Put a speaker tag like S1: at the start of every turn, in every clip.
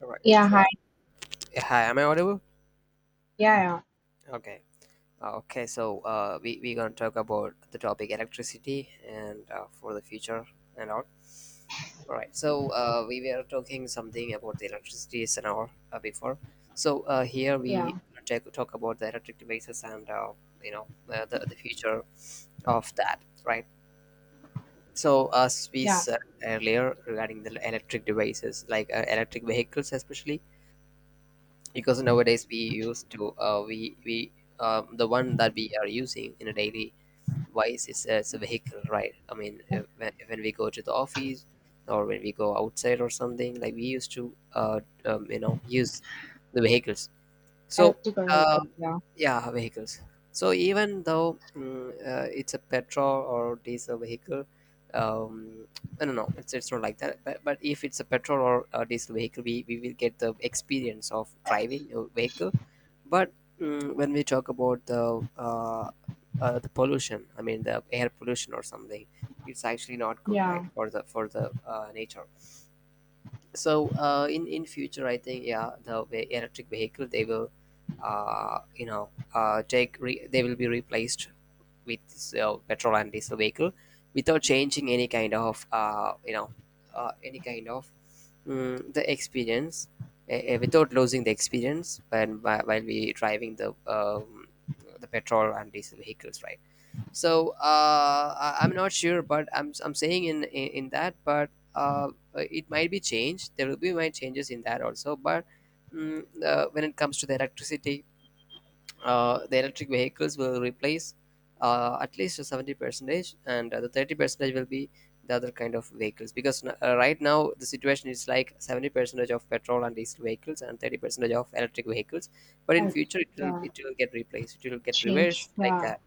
S1: All right.
S2: Yeah, hi.
S1: So, yeah, hi, am I audible?
S2: Yeah,
S1: Okay. Okay. So, we gonna talk about the topic electricity and for the future and all. All right. So, we were talking something about the electricity and all before. So, here
S2: yeah,
S1: we talk about the electric devices and you know the future of that, right? So, as we
S2: yeah,
S1: said earlier regarding the electric devices, like electric vehicles, especially because nowadays we used to we the one that we are using in a daily wise is as a vehicle, right? I mean,
S2: yeah.
S1: when we go to the office or when we go outside or something, like we used to use the vehicles. So,
S2: Electrical vehicle.
S1: uh,
S2: Yeah,
S1: yeah, vehicles. So, even though, it's a petrol or diesel vehicle, um, no, no, no, it's not like that. But if it's a petrol or a diesel vehicle, we will get the experience of driving a vehicle. But, when we talk about the the pollution, I mean the air pollution or something, it's actually not good, right,
S2: yeah,
S1: for the nature. So, in future, I think, yeah, the electric vehicle, they will they will be replaced with this, petrol and diesel vehicle, without changing any kind of any kind of, the experience, without losing the experience when while we driving the petrol and diesel vehicles, right? So, I'm not sure, but I'm saying in that, but uh, it might be changed. There will be might changes in that also. But, when it comes to the electricity, the electric vehicles will replace at least 70 percentage, and the 30 percentage will be the other kind of vehicles. Because, right now the situation is like 70 percentage of petrol and diesel vehicles and 30 percentage of electric vehicles. But in
S2: and
S1: future, it will
S2: yeah,
S1: it will get replaced. It will get
S2: change.
S1: reversed like
S2: Yeah,
S1: that,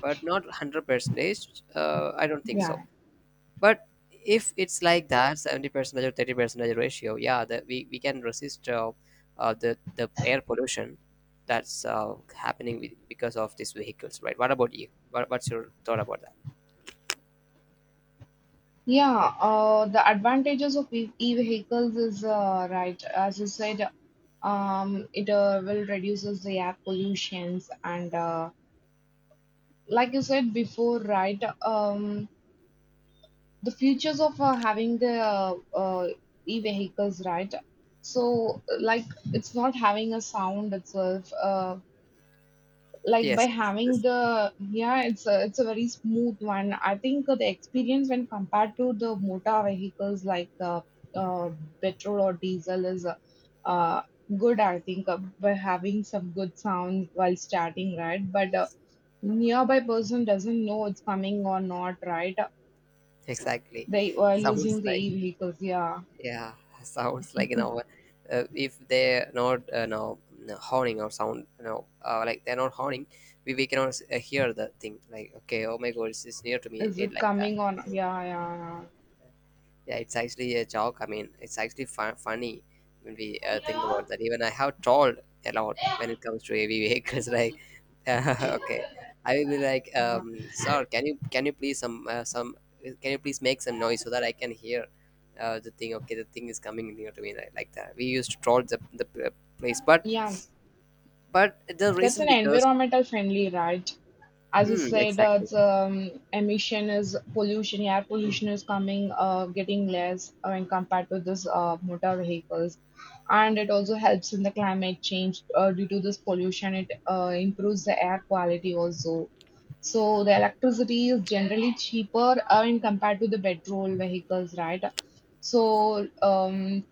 S1: but not 100 percentage, I don't think so.
S2: yeah,
S1: But if it's like that, 70 percentage or 30 percentage ratio, yeah, that we can resist the air pollution that's happening with, because of these vehicles, right? What about you? What's your thought about that?
S2: yeah. The advantages of e-vehicles is, right, as you said, it will reduces the air pollutions and, like you said before, right? The futures of having the e-vehicles, right? So, like, it's not having a sound itself. Like by
S1: Yes, yes,
S2: having
S1: yes.
S2: the, yeah, it's a very smooth one, I think. The experience when compared to the motor vehicles, like uh, petrol or diesel, is uh, good, I think. By having some good sound while starting, right? But nearby person doesn't know it's coming or not, right?
S1: Exactly.
S2: They were
S1: Sounds
S2: using the
S1: like.
S2: e-vehicles, yeah.
S1: Yeah, sounds like, if they're not, no, no, honing or sound, like they're not honing, we cannot hear the thing. Like, okay, oh my god, it's near to me,
S2: Is
S1: it
S2: it
S1: like that.
S2: coming on? yeah yeah
S1: Yeah, it's actually a joke. I mean, it's actually funny when we think about that. Even I have trolled a lot when it comes to heavy vehicles. Like, okay, I will be like,
S2: yeah yeah
S1: sir, can you please make some noise so that I can hear the thing? Okay, the thing is coming near to me, like that. We used to troll the place. but
S2: Yeah.
S1: but the
S2: That's
S1: reason
S2: an
S1: because,
S2: environmental friendly ride. As you said,
S1: exactly,
S2: it's, emission is pollution, air pollution is coming, getting less when compared to this motor vehicles, and it also helps in the climate change due to this pollution. It improves the air quality also. So the electricity is generally cheaper when compared to the petrol vehicles, right? So um,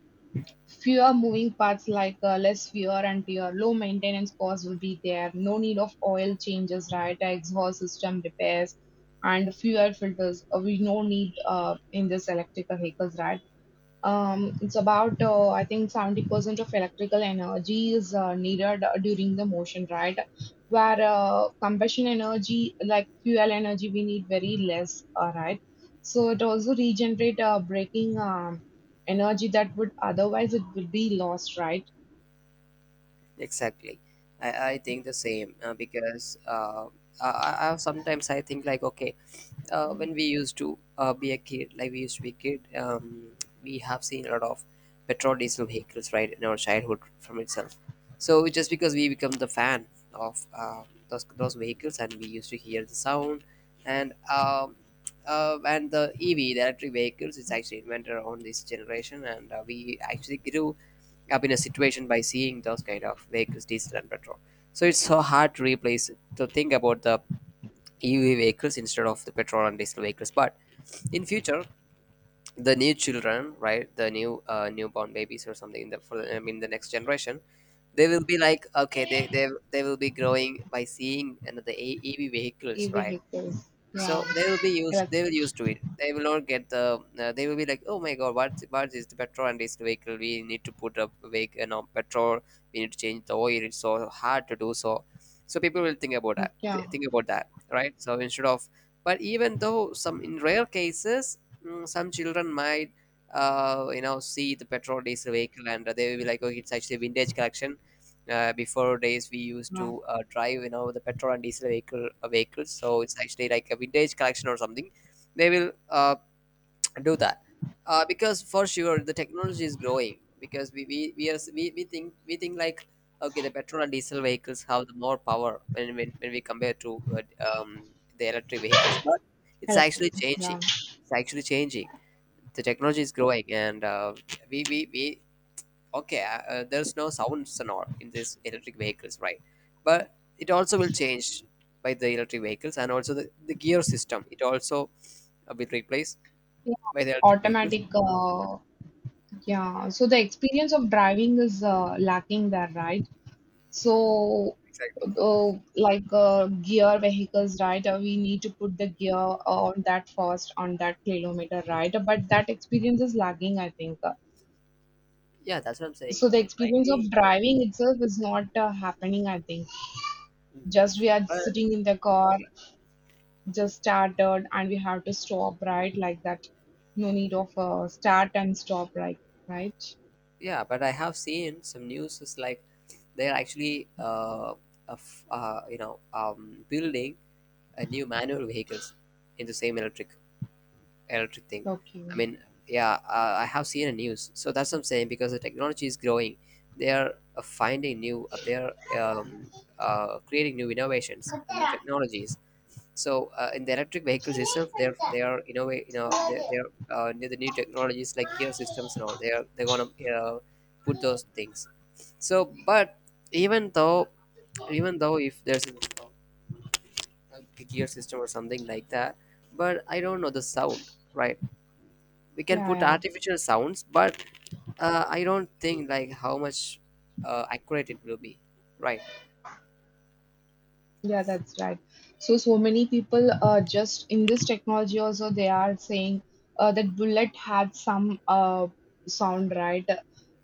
S2: Fewer moving parts, like less wear and tear, low maintenance costs will be there, no need of oil changes, right? Exhaust system repairs and fuel filters. We no need in this electrical vehicles, right? It's about I think 70% of electrical energy is needed during the motion, right? Where combustion energy, like fuel energy, we need very less, right? So it also regenerate braking energy that would otherwise it would be lost, right?
S1: exactly. I think the same because, I sometimes I think like, okay, when we used to be a kid, like we used to be a kid, we have seen a lot of petrol diesel vehicles, right, in our childhood from itself. So just because we become the fan of those vehicles, and we used to hear the sound, and the EV, the electric vehicles, is actually invented on this generation, and we actually grew up in a situation by seeing those kind of vehicles, diesel and petrol. So it's so hard to replace, to think about the EV vehicles instead of the petrol and diesel vehicles. But in future, the new children, right, the new newborn babies or something in I mean the next generation, they will be like, okay, they will be growing by seeing another EV
S2: E
S1: vehicles, right?
S2: vehicles,
S1: So
S2: yeah,
S1: they will be used, they
S2: electric,
S1: will used to it, they will not get the, they will be like, oh my god, what is the petrol and this vehicle, we need to put up vehicle, petrol, we need to change the oil, it's so hard to do. So, so people will think about that,
S2: yeah,
S1: think about that, right? So instead of, but even though, some, in rare cases, some children might, see the petrol diesel vehicle, and they will be like, oh, it's actually vintage collection. Before days we used
S2: yeah.
S1: to drive, the petrol and diesel vehicle, vehicles, so it's actually like a vintage collection or something. They will, do that, because for sure the technology is growing. Because we, are, we think like, okay, the petrol and diesel vehicles have the more power when when we compare to, the electric vehicles. But it's
S2: Electric,
S1: actually changing,
S2: yeah.
S1: it's actually changing, the technology is growing. And, we okay, there's no sounds and all in these electric vehicles, right? But it also will change by the electric vehicles. And also the gear system it also will replaced
S2: Yeah,
S1: by the electric vehicles.
S2: automatic, yeah. So the experience of driving is lacking there, right? So,
S1: Exactly.
S2: like, gear vehicles, right? We need to put the gear on that first on that kilometer, right? But that experience is lagging, I think.
S1: Yeah, that's what I'm saying,
S2: So the
S1: it might
S2: experience
S1: be.
S2: of driving itself is not happening, I think.
S1: Mm.
S2: Just we are
S1: But
S2: sitting in the car, just started, and we have to stop, right? Like that. No need of start and stop, right? Right?
S1: yeah, but I have seen some news is like, they're actually, building a new manual vehicles in the same electric thing.
S2: Okay.
S1: I mean, yeah, I have seen a news. So that's what I'm saying, because the technology is growing. They are finding new, they are um, creating new innovations, new technologies. So in the electric vehicles itself, they're they are innovate, the new technologies like gear systems and all. They're gonna uh, put those things. So, but even though even though if there's a gear system or something like that, but I don't know the sound, right? We can
S2: Yeah,
S1: put
S2: yeah.
S1: artificial sounds, but I don't think like how much accurate it will be, right?
S2: Yeah, that's right. So, so many people just in this technology also they are saying that bullet had some sound, right?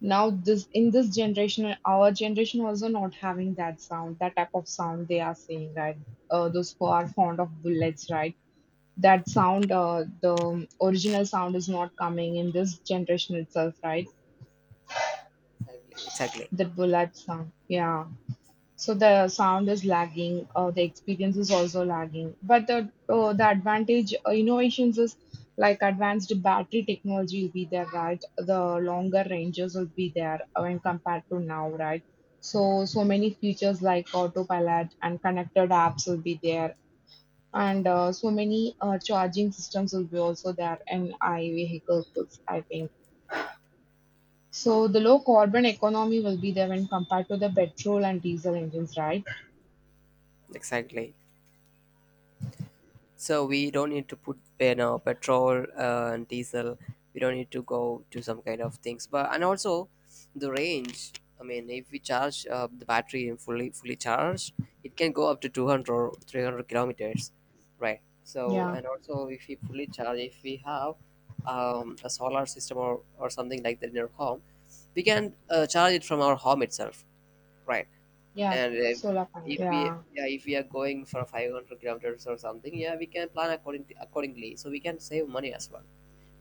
S2: Now this in this generation, our generation also not having that sound, that type of sound they are saying, right? Those who are fond of bullets, right? That sound, the original sound is not coming in this generation itself, right?
S1: Exactly, exactly,
S2: The bullet sound, yeah. So the sound is lagging, the experience is also lagging, but the advantage, innovations is like advanced battery technology will be there, right? The longer ranges will be there when compared to now, right? So so many features like autopilot and connected apps will be there, and so many charging systems will be also there in I vehicles, I think. So the low carbon economy will be there when compared to the petrol and diesel engines, right?
S1: exactly. So we don't need to put, petrol and diesel. We don't need to go to some kind of things. But and also, the range. I mean, if we charge the battery and fully charged, it can go up to 200 or 300 kilometers, right? So,
S2: Yeah.
S1: and also, if we fully charge, if we have a solar system or something like that in our home, we can charge it from our home itself, right?
S2: Yeah,
S1: And
S2: solar panel.
S1: if we,
S2: Yeah.
S1: yeah, if we are going for 500 kilometers or something, yeah, we can plan accordingly, so we can save money as well.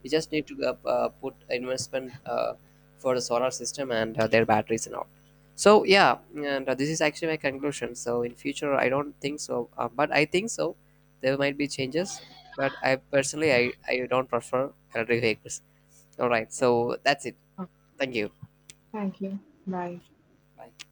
S1: We just need to put investment for the solar system and their batteries and all. So, yeah, and this is actually my conclusion. So in future I don't think so, but I think so there might be changes. But I personally, I don't prefer electric vehicles. All right, so that's it.
S2: Oh,
S1: Thank you.
S2: thank you. Bye.
S1: Bye.